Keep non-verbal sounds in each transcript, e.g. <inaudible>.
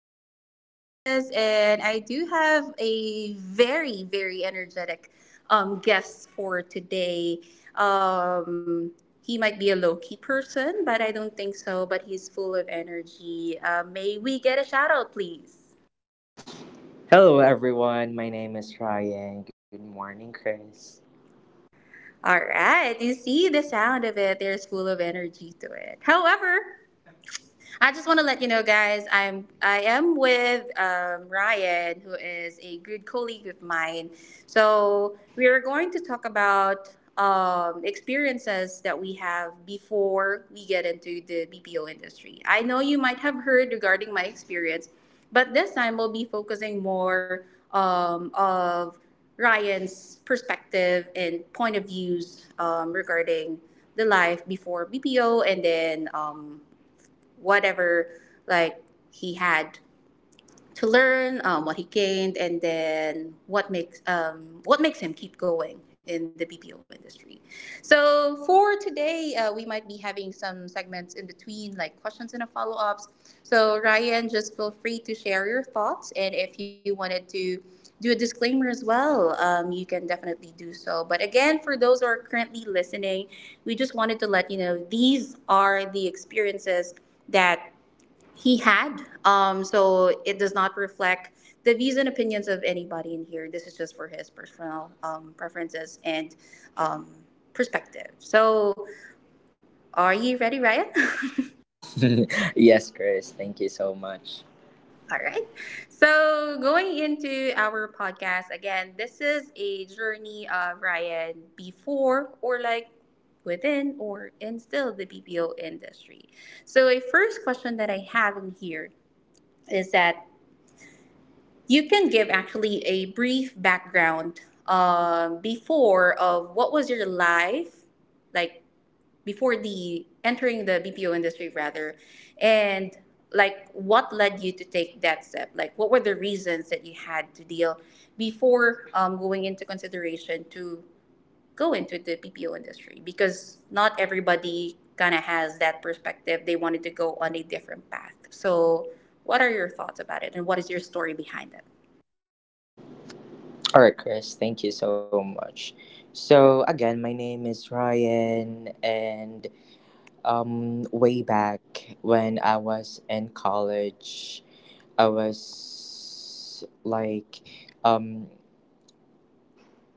This is Chris, and I do have a very, very energetic guest for today. Um, he might be a low key person, but I don't think so, but he's full of energy. May we get a shout out, please? Hello, everyone. My name is Ryan. Good morning, Chris. All right, you see the sound of it, there's full of energy to it. However, I just want to let you know, guys. I am with Ryan, who is a good colleague of mine. So we are going to talk about experiences that we have before we get into the BPO industry. I know you might have heard regarding my experience, but this time we'll be focusing more of Ryan's perspective and point of views regarding the life before BPO and then. Um, Whatever like he had to learn, what he gained, and then what makes what makes him keep going in the BPO industry. So for today, we might be having some segments in between, like questions and a follow ups. So Ryan, just feel free to share your thoughts, and if you wanted to do a disclaimer as well, you can definitely do so. But again, for those who are currently listening, we just wanted to let you know these are the experiences that he had. So it does not reflect the views and opinions of anybody in here. This is just for his personal preferences and um, perspective. So, are you ready, Ryan? <laughs> <laughs> Yes, Chris. Thank you so much. All right. So, going into our podcast again, this is a journey of Ryan before or like within or in still the BPO industry. So, a first question that I have in here is that you can give actually a brief background before of what was your life like before the entering the BPO industry rather, and like what led you to take that step? Like what were the reasons that you had to deal before going into consideration to go into the BPO industry? Because not everybody kind of has that perspective. They wanted to go on a different path. So, what are your thoughts about it, and what is your story behind it? All right, Chris. Thank you so much. So, again, my name is Ryan, and way back when I was in college, I was um,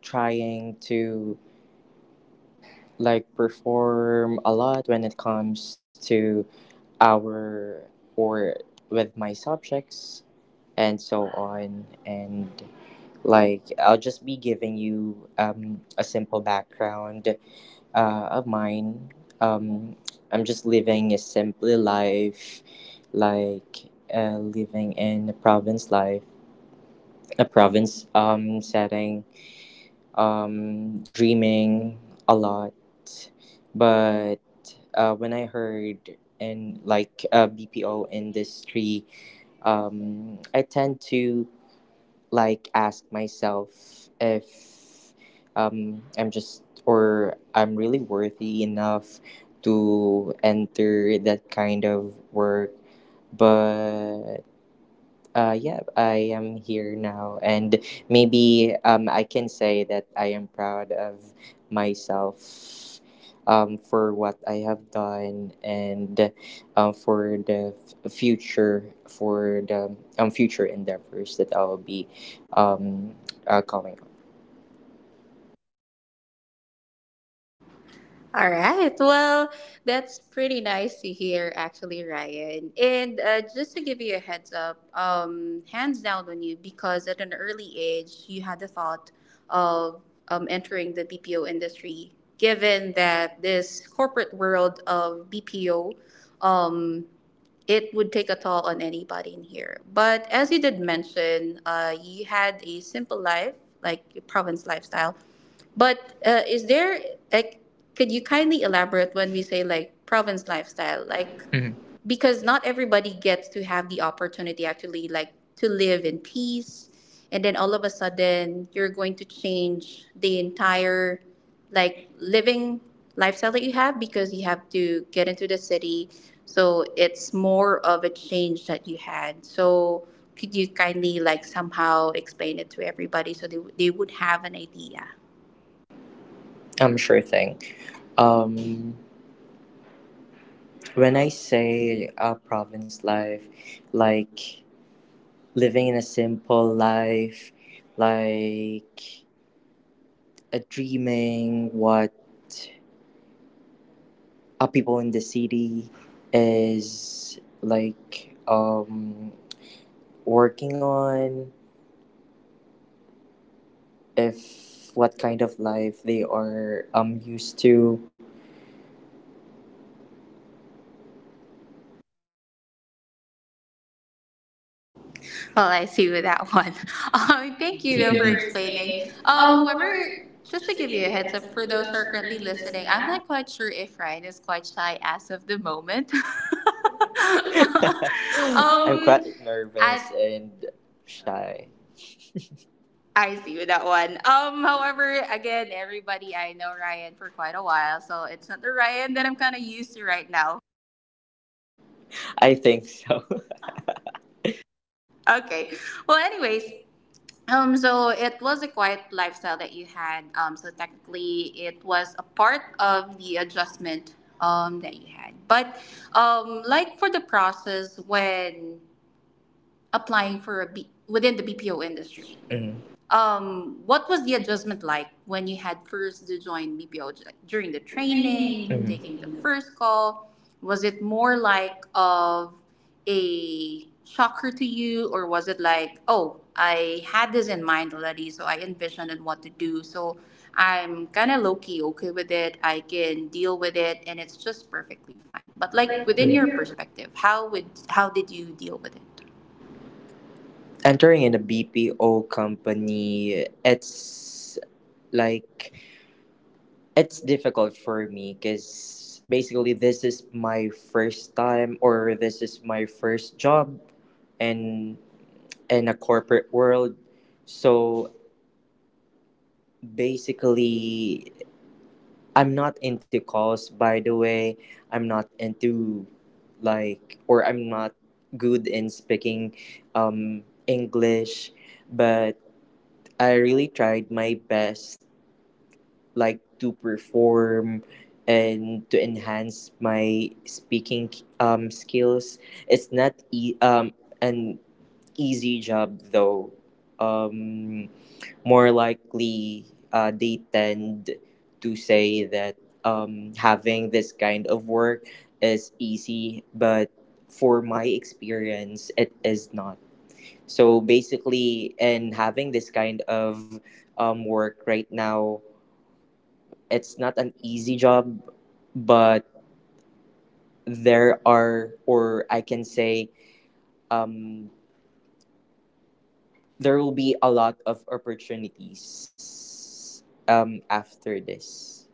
trying to perform a lot when it comes to our or with my subjects and so on and like I'll just be giving you a simple background of mine. um, I'm just living a simple life, like living in a province setting, dreaming a lot. But when I heard in like BPO industry, I tend to ask myself if I'm just or I'm really worthy enough to enter that kind of work. But yeah, I am here now, and maybe I can say that I am proud of myself for what I have done, and um, for the for the future endeavors that I'll be um, coming up. All right. Well, that's pretty nice to hear, actually, Ryan. And just to give you a heads up, hands down on you, because at an early age, you had the thought of entering the BPO industry, given that this corporate world of BPO it would take a toll on anybody in here. But as you did mention, you had a simple life, like your province lifestyle. But is there like, could you kindly elaborate when we say like province lifestyle? Like, because not everybody gets to have the opportunity actually like to live in peace and then all of a sudden you're going to change the entire like living lifestyle that you have because you have to get into the city, so it's more of a change that you had, so could you kindly like somehow explain it to everybody so they would have an idea? I'm sure thing. Um, when I say province life, like living in a simple life, like dreaming what people in the city is like working on, if what kind of life they are used to. Well, I see with that one. <laughs> Thank Thank you though you for for <laughs> explaining. explaining. However, just to Just to give you a get heads up for for those who those are currently listening, listening, I'm not quite sure if Ryan is quite shy as of the moment. <laughs> <gasps> I'm um, quite nervous I and shy. I see with that one. However, again, everybody, I know Ryan for quite a while, so it's not the Ryan that I'm kind of used to right now. I think so. Okay. Well, anyways, so it was a quiet lifestyle that you had. So technically, it was a part of the adjustment that you had. But like for the process when applying for a within the BPO industry, <laughs> Mhm. What was the adjustment like when you had first to join BPO? Like, during the Training, training, mhm, taking the taking first call? Was it more like of a shocker to you, or was it like, oh, I had this in mind already, so I envisioned and what to do, so I'm kind of low key okay with it. I can deal with it, and it's just perfectly fine. But the like like Mhm. within within your your perspective, how did you deal with it? entering in a BPO company, it's like it's difficult for me, because basically this is my first time, or this is my first job, and in a corporate world. So basically, I'm not into calls, by the way. I'm not into like or i'm not good in speaking English, but I really tried my best, like, to perform and to enhance my speaking skills. It's not an easy job, though. Um, more likely, they tend to say that having this kind of work is easy, but for my experience, it is not. So basically, in having this kind of work right now, it's not an easy job, but there are, or I can say, um, there will be a lot of opportunities after this.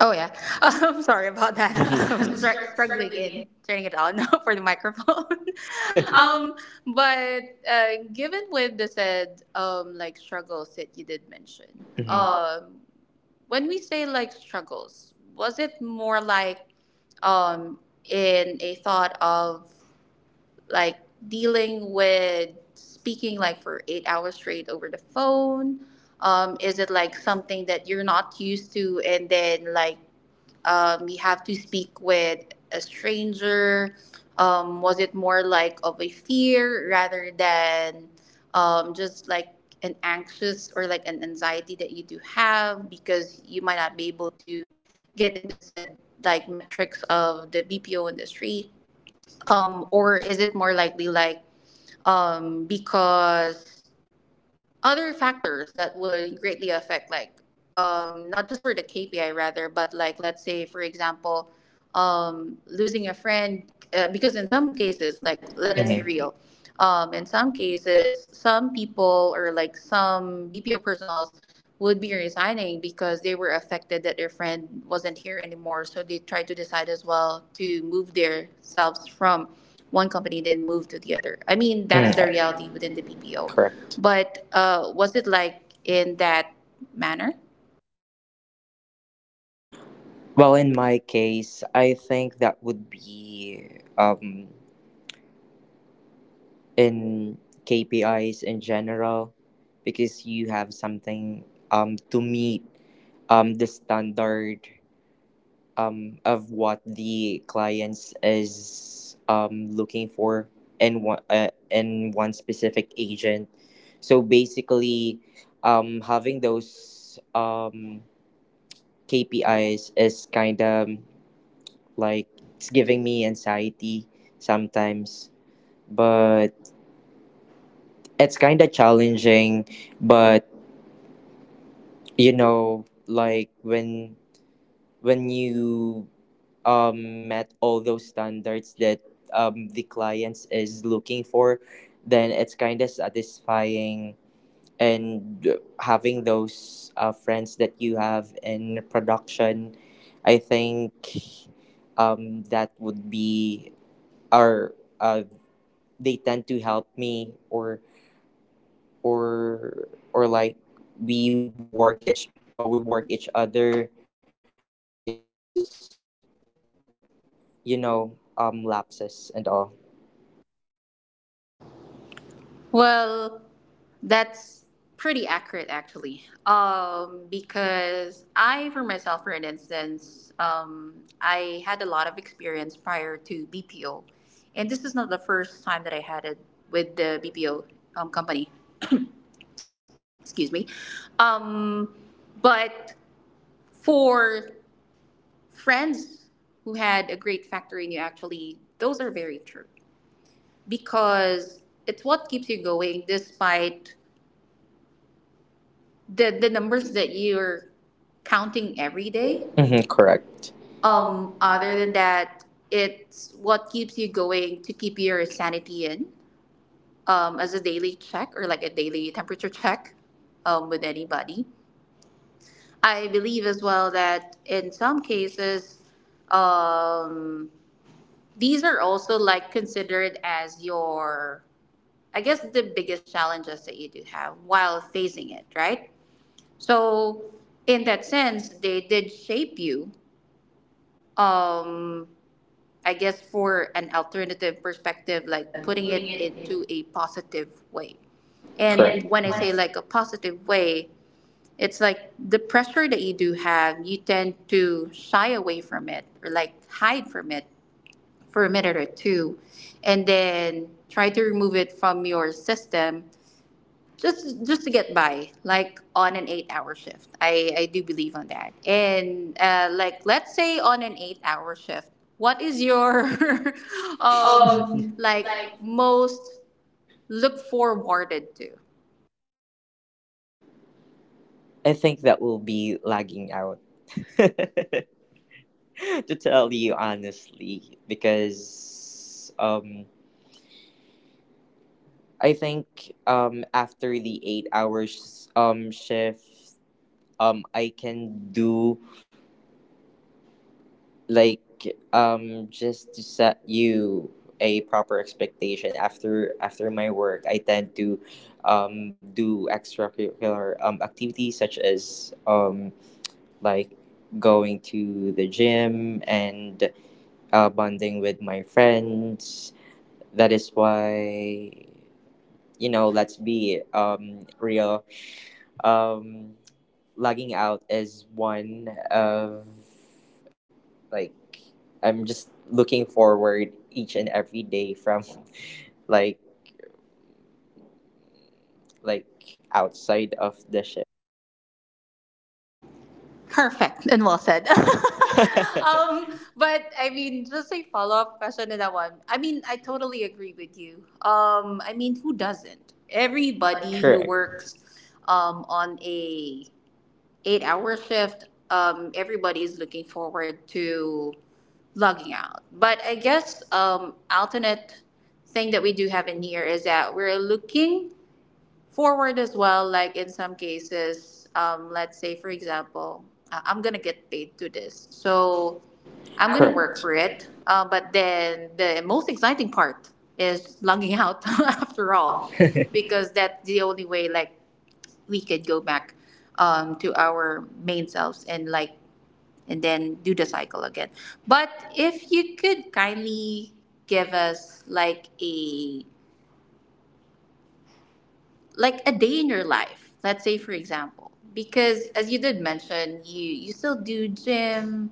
Oh yeah. <laughs> Sorry about that. <laughs> Okay. I was <laughs> I'm str- struggling struggling. in It. turning it on <laughs> for the microphone. <laughs> Um, um, <laughs> but given with the said like struggles that you did mention, mhm. When we say like struggles, was it more like um, in a thought of like dealing with speaking like for 8 hours straight over the phone? Is it like something that you're not used to and then like you have to speak with a stranger? Was it more like of a fear rather than just like an anxious or like an anxiety that you do have because you might not be able to get into said like metrics of the BPO industry? Or is it more likely like because other factors that would greatly affect like um, not just for the KPI rather, but like let's say for example um, losing a friend, because in some cases, like let's Let's be mhm agree. real, um, in some cases some people or like some BPO personals would be resigning because they were affected that their friend wasn't here anymore, so they tried to decide as well to move themselves from one company then move to the other. I I mean, think that's that's the mm the reality reality within within the the B BPO. P O. Correct. But was it like in that manner? Well, in my case, I think that would be, um, in KPIs in general, because you have something to meet the standard of what the clients is looking for in one specific agent. So basically, having those KPIs is kind of, like, it's giving me anxiety sometimes, but it's kind of challenging. But you know, like when you met all those standards that the clients is looking for, then it's kind of satisfying. And having those friends that you have in production, I think that would be our uh they tend to help me, or or like we work each we work each other each other's, you know, lapses and all. Well, that's pretty accurate actually. Because I, for myself, for an instance, I had a lot of experience prior to BPO. And this is not the first time that I had it with the BPO company, excuse me. Um, but for friends who had a great factory, and you actually, those are very true, because it's what keeps you going despite the numbers that you're counting every day. Hmm. Correct. Other Other than that, it's what keeps you going to keep your sanity in as a daily check or like a daily temperature check with anybody. I believe as well that in some cases, um, these are also like considered as your, I guess, the biggest challenges that you do have while facing it, right? So, in that sense, they did shape you. Um, I guess for an alternative perspective, than like like putting Putting it it in into a positive way. And correct. when And I when say it's, like a positive way, it's like the pressure that you do have, you tend to shy away from it or like hide from it for a minute or two and then try to remove it from your system, just to get by like on an 8 hour shift. I do believe on that. And like let's say on an 8 hour shift, what is your <laughs> um, um <laughs> like like, most look forwarded to? I think that will be lagging out <laughs> to tell you honestly, because I think after the 8 hours shift, I can do like just to set you a proper expectation. After my work, I tend to do extracurricular activities, such as like going to the gym and bonding with my friends. That is why, you know, let's be real, um logging out is one of, like, I'm just looking forward each and every day from <laughs> like like outside of the ship. Perfect and well said. <laughs> Um, <laughs> but I mean, just a follow-up question to that one. I mean, I totally agree with you. Um, I mean, who doesn't? Everybody who Correct. works on a 8 hour shift, everybody is looking forward to logging out. But I guess alternate thing that we do have in here is that we're looking forward as well. Like in some cases, let's say for example, I'm gonna get paid to this, so I'm gonna work for Correct. it. But then the most exciting part is logging out <laughs> after all, because <laughs> that's the only way. Like we could go back to our main selves and like and then do the cycle again. But if you could kindly give us like a day in your life, let's say for example, because as you did mention, you still do gym,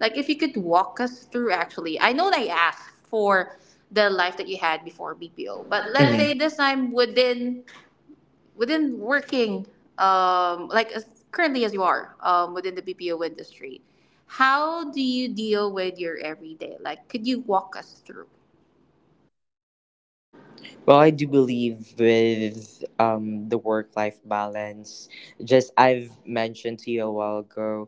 like if you could walk us through, actually, I know they asked for the life that you had before BPO, but let's Mhm. say this time within within working like as, currently as you are within the BPO industry, how do you deal with your everyday? Like could you walk us through? Well, I do believe with the work life balance. Just I've mentioned to you a while ago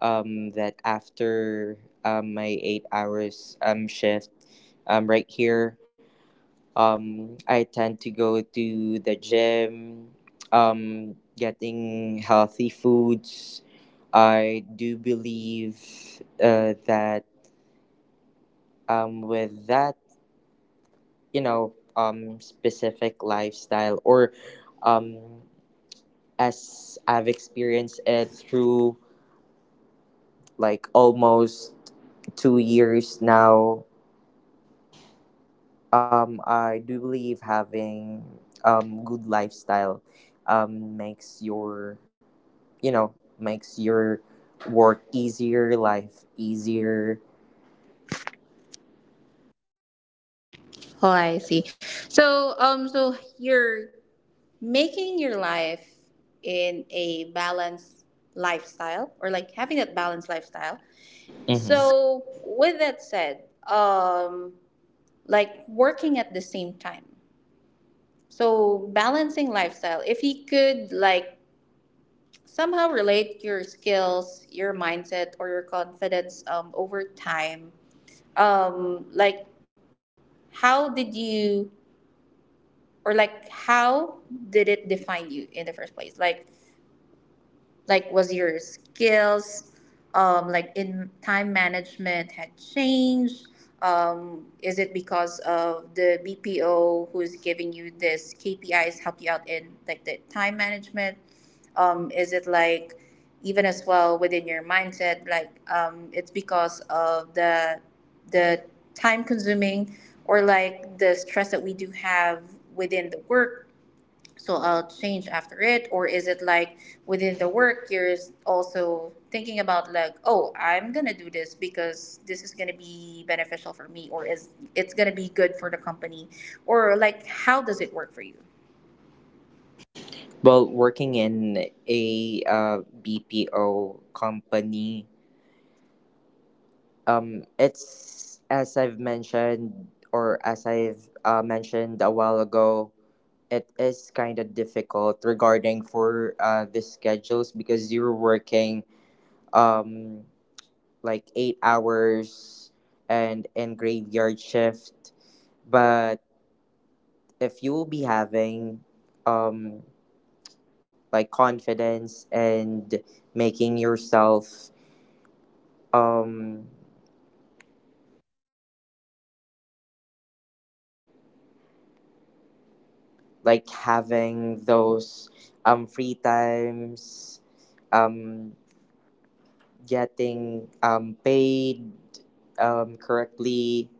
that after my 8 hours shift right here, um, I tend to go to the gym, getting healthy foods. I do believe that, with that, you know, specific lifestyle, or um, as I've experienced it through like almost 2 years now, I do believe having good lifestyle makes your, you know, makes your work easier, life easier. Oh, I see. So so you're making your life in a balanced lifestyle or like having that balanced lifestyle. Hmm. So with that said, um like working at the same time, so balancing lifestyle, if you could like somehow relate your skills, your mindset, or your confidence over time. Like, how did you, how did it define you in the first place? Like, was your skills in time management had changed, is it because of the bpo who's giving you this kpis help you out in like the time management, is it like even as well within your mindset, it's because of the time consuming or like the stress that we do have within the work, so I'll change after it? Or is it like within the work, you're also thinking about like, oh, I'm gonna do this because this is gonna be beneficial for me, or is it's gonna be good for the company, or like how does it work for you? Well, working in a BPO company, it's as I've mentioned, or as I've mentioned a while ago, it is kind of difficult regarding for the schedules, because you're working um 8 hours and in graveyard shift. But if you will be having um confidence and making yourself um having those free times, um getting paid correctly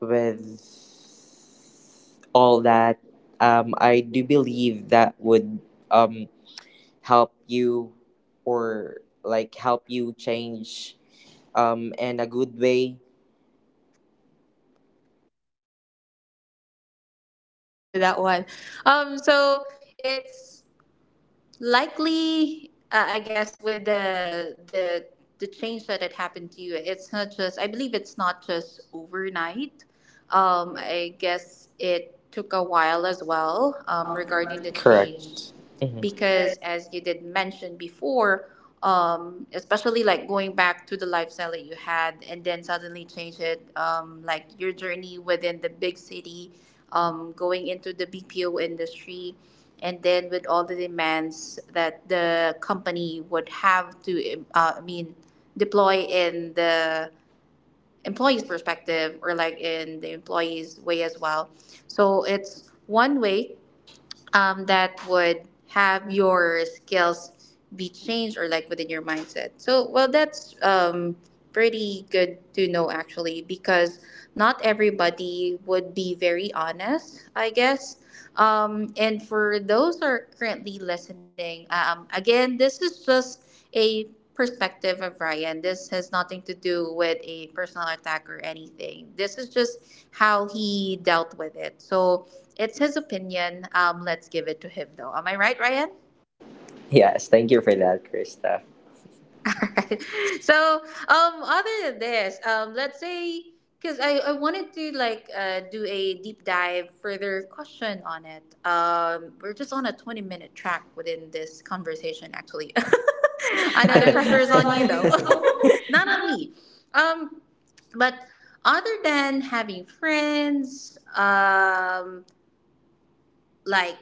with all that, I do believe that would um help you, or like help you change, in a good way. <laughs> I see with that one. So it's. Likely I guess with the change that had happened to you, it's not just, I believe it's not just overnight. I guess it took a while as well, regarding Regarding the change, Correct. Hmm. because as you did mention before, especially like going back to the lifestyle that you had and then suddenly change it, like your journey within the big city, going into the BPO industry, and then with all the demands that the company would have to, I mean, deploy in the employee's perspective or like in the employee's way as well. So it's one way, that would have your skills be changed or like within your mindset. So, well, that's pretty good to know actually, because not everybody would be very honest, I guess. And for those who are currently listening, again, this is just a perspective of Ryan. This has nothing to do with a personal attack or anything. This is just how he dealt with it. So it's his opinion. Let's give it to him, though. Am I right, Ryan? Yes, thank you for that, Krista. <laughs> So other than this, let's say, because I wanted to like do a deep dive further question on it. We're just on a 20 minute track within this conversation, actually. <laughs> <laughs> I know I the know the pressure is pressure's on you on you. though, <laughs> <laughs> not on me. Um, but other than having friends, like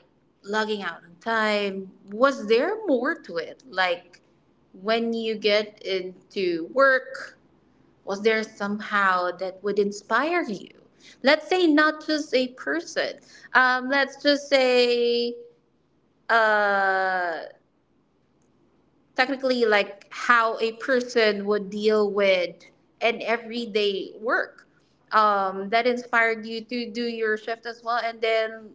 logging out on time, was there more to it, like when you get into work, was there somehow that would inspire you? Let's say not just a person, let's just say, uh, technically, like how a person would deal with an everyday work, that inspired you to do your shift as well, and then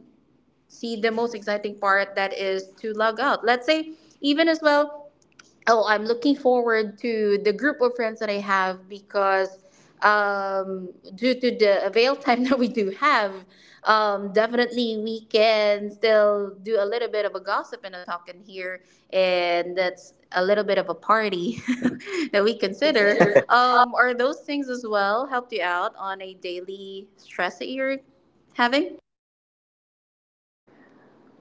see the most exciting part that is to log out. Let's say even as well, oh, I'm looking forward to the group of friends that I have, because um due to the avail time <laughs> that we do have, definitely we can still do a little bit of a gossip and a talk in here, and that's a little bit of a party <laughs> that we To consider. consider. Are those things as well helped you out on a daily stress that you're having?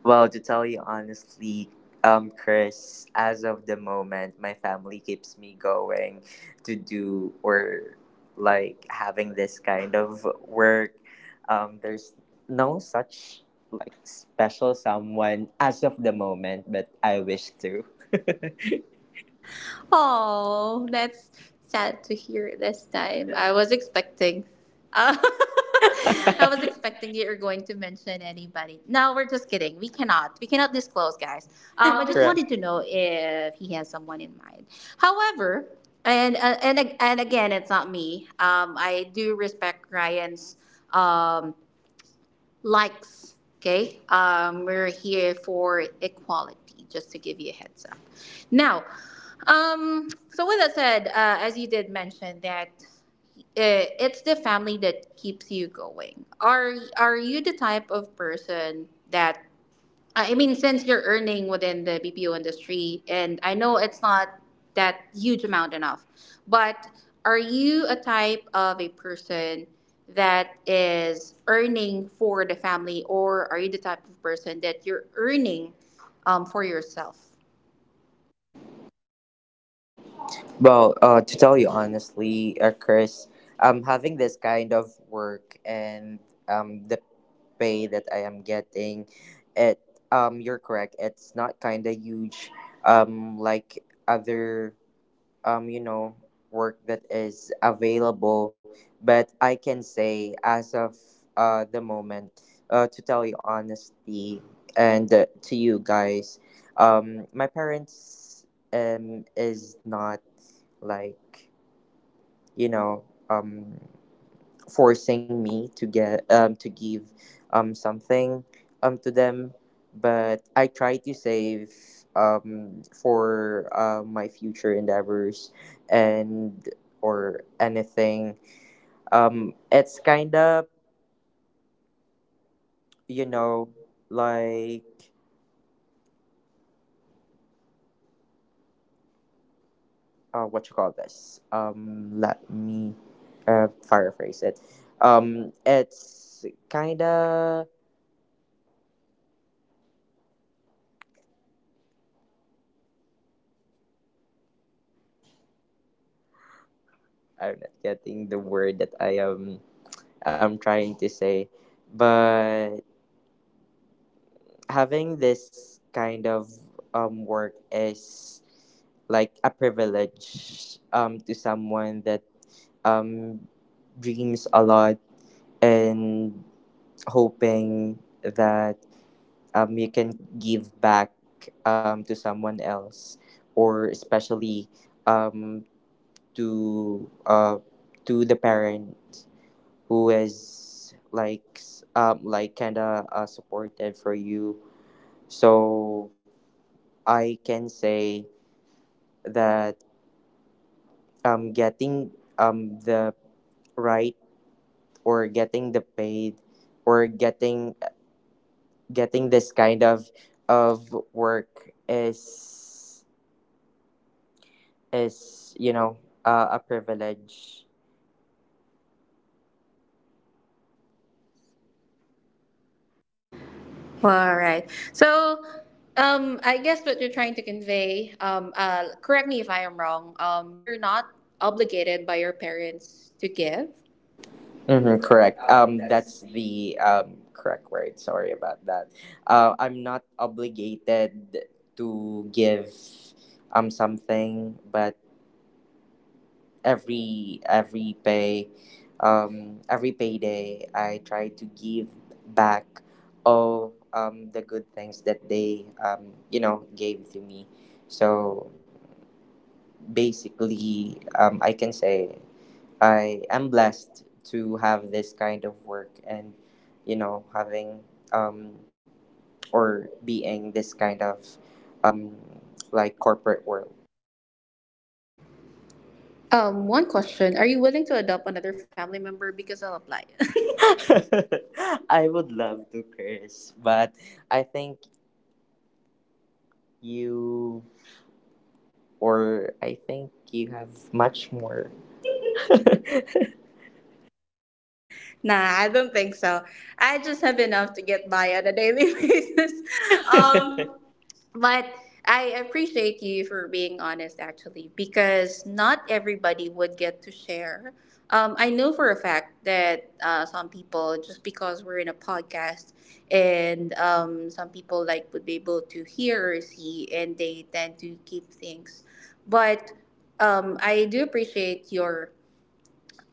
Well, to tell you honestly, Chris, as of the moment, my family keeps me going to do, or like, having this kind of work. There's no such like special someone as of the moment, but I wish to. Oh, that's sad to hear this time. I was expecting. Uh, <laughs> I was <laughs> expecting you're going to mention anybody. No, we're just kidding. We cannot. We cannot disclose, guys. I just Correct. wanted to know if he has someone in mind. However, and again, it's not me. I do respect Ryan's um likes. Okay, we're here for equality, just to give you a heads up. Now, so with that said, as you did mention that it's the family that keeps you going. Are you the type of person that, I mean, since you're earning within the BPO industry, and I know it's not that huge amount enough, but are you a type of a person that is earning for the family, or are you the type of person that you're earning for yourself? Well, to tell you honestly, Chris, having this kind of work and the pay that I am getting, it you're correct. It's not kind of huge, like other, um you know work that is available. But I can say, as of the moment, to tell you honestly, and to you guys, my parents is not like you know um forcing me to get to give something to them. But I try to save for my future endeavors and or anything. It's kind of, you know, like, what you call this let me paraphrase it. It's kind of, I'm not getting the word that I'm trying to say. But having this kind of work is like a privilege to someone that um dreams a lot and hoping that you can give back to someone else, or especially um to uh to the parent who is like kind of supportive for you. So I can say that getting the right or getting the paid or getting getting this kind of work is, is you know a privilege. All right. So, I guess what you're trying to convey, correct me if I am wrong, you're not obligated by your parents to give. Mm-hmm, correct. That's the correct word. Sorry about that. I'm not obligated to give something, but every every pay, every payday, I try to give back all the good things that they, gave to me. So basically, I can say I am blessed to have this kind of work. And, you know, having, um, or being this kind of um, like corporate world. One question. Are you willing to adopt another family member? Because I'll apply. <laughs> I would love to curse, but I think you I think you have much more. <laughs> Um, <laughs> Nah, I don't think so. I just have enough to get by on a daily <laughs> basis. Um, But I appreciate you for being honest, actually, because not everybody would get to share. I know for a fact that some people, just because we're in a podcast, and some people like would be able to hear or see, and they tend to keep things. But I do appreciate your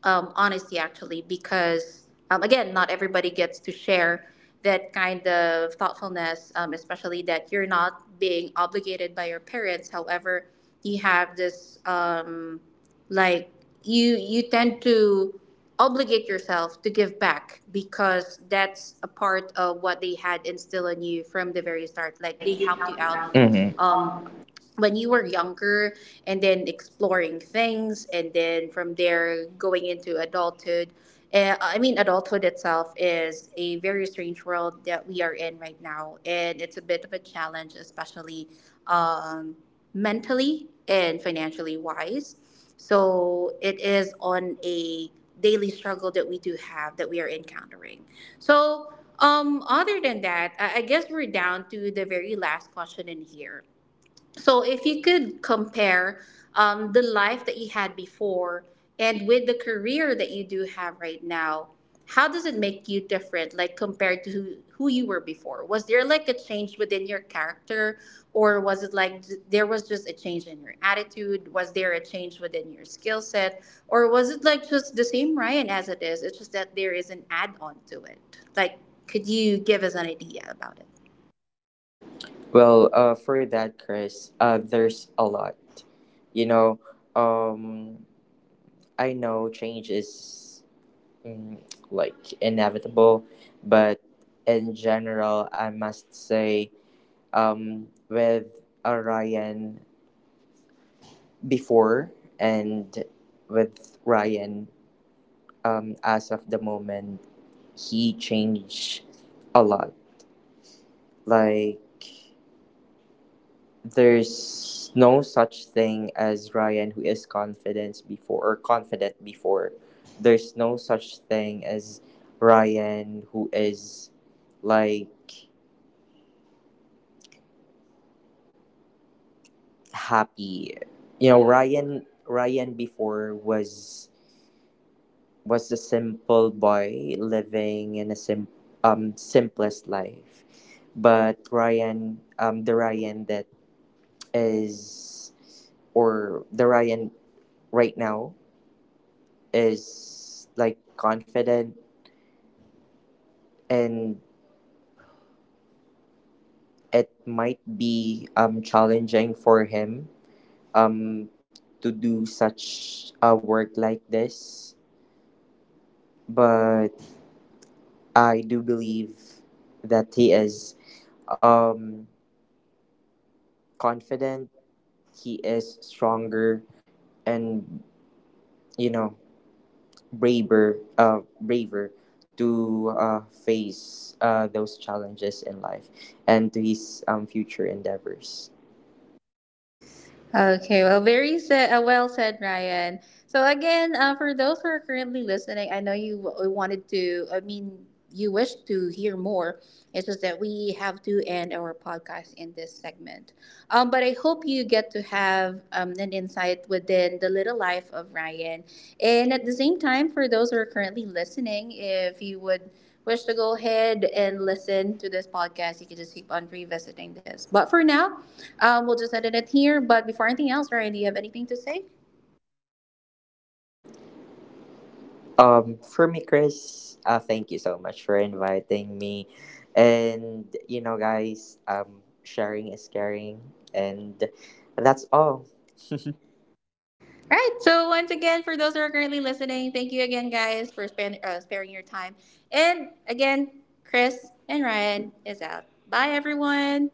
honesty actually, because again not everybody gets to share that kind of thoughtfulness, especially that you're not being obligated by your parents, however you have this like you tend to obligate yourself to give back, because that's a part of what they had instilled in you from the very start, like like, they they helped you help you out, out. Mhm. um, when you were younger and then exploring things, and then from there going into adulthood. I mean, adulthood itself is a very strange world that we are in right now, and it's a bit of a challenge, especially um, mentally and financially wise. So it is on a daily struggle that we do have, that we are encountering. So other than that, I guess we're down to the very last question in here. So if you could compare the life that you had before and with the career that you do have right now, how does it make you different, like compared to who you were before? Was there like a change within your character, or was it like there was just a change in your attitude? Was there a change within your skill set, or was it like just the same Ryan as it is? It's just that there is an add on to it. Like, could you give us an idea about it? well, for that, Chris, there's a lot. You know, um, I know change is mm, like inevitable, but in general, I must say, with Ryan before and with Ryan, as of the moment, he changed a lot. Like, there's no such thing as Ryan who is confident before. There's no such thing as Ryan who is like happy. You know, Ryan before was a simple boy living in a simplest life. But Ryan the Ryan that is or the Ryan right now is like confident. And it might be challenging for him um to do such a work like this, but I do believe that he is um confident, he is stronger, and, you know, braver to face those challenges in life and to his future endeavors. Okay, well, very said, well said, Ryan. So again, for those who are currently listening, I know you wanted to, I mean, you wish to hear more. It's just that we have to end our podcast in this segment. But I hope you get to have an insight within the little life of Ryan. And at the same time, for those who are currently listening, if you would wish to go ahead and listen to this podcast, you can just keep on revisiting this. But for now, we'll just edit it here. But before anything else, Ryan, do you have anything to say? For me, Chris, thank you so much for inviting me. And, you know, guys, sharing is caring. And that's all. <laughs> All right. So once again, for those who are currently listening, thank you again, guys, for sparing your time. And again, Chris and Ryan is out. Bye, everyone.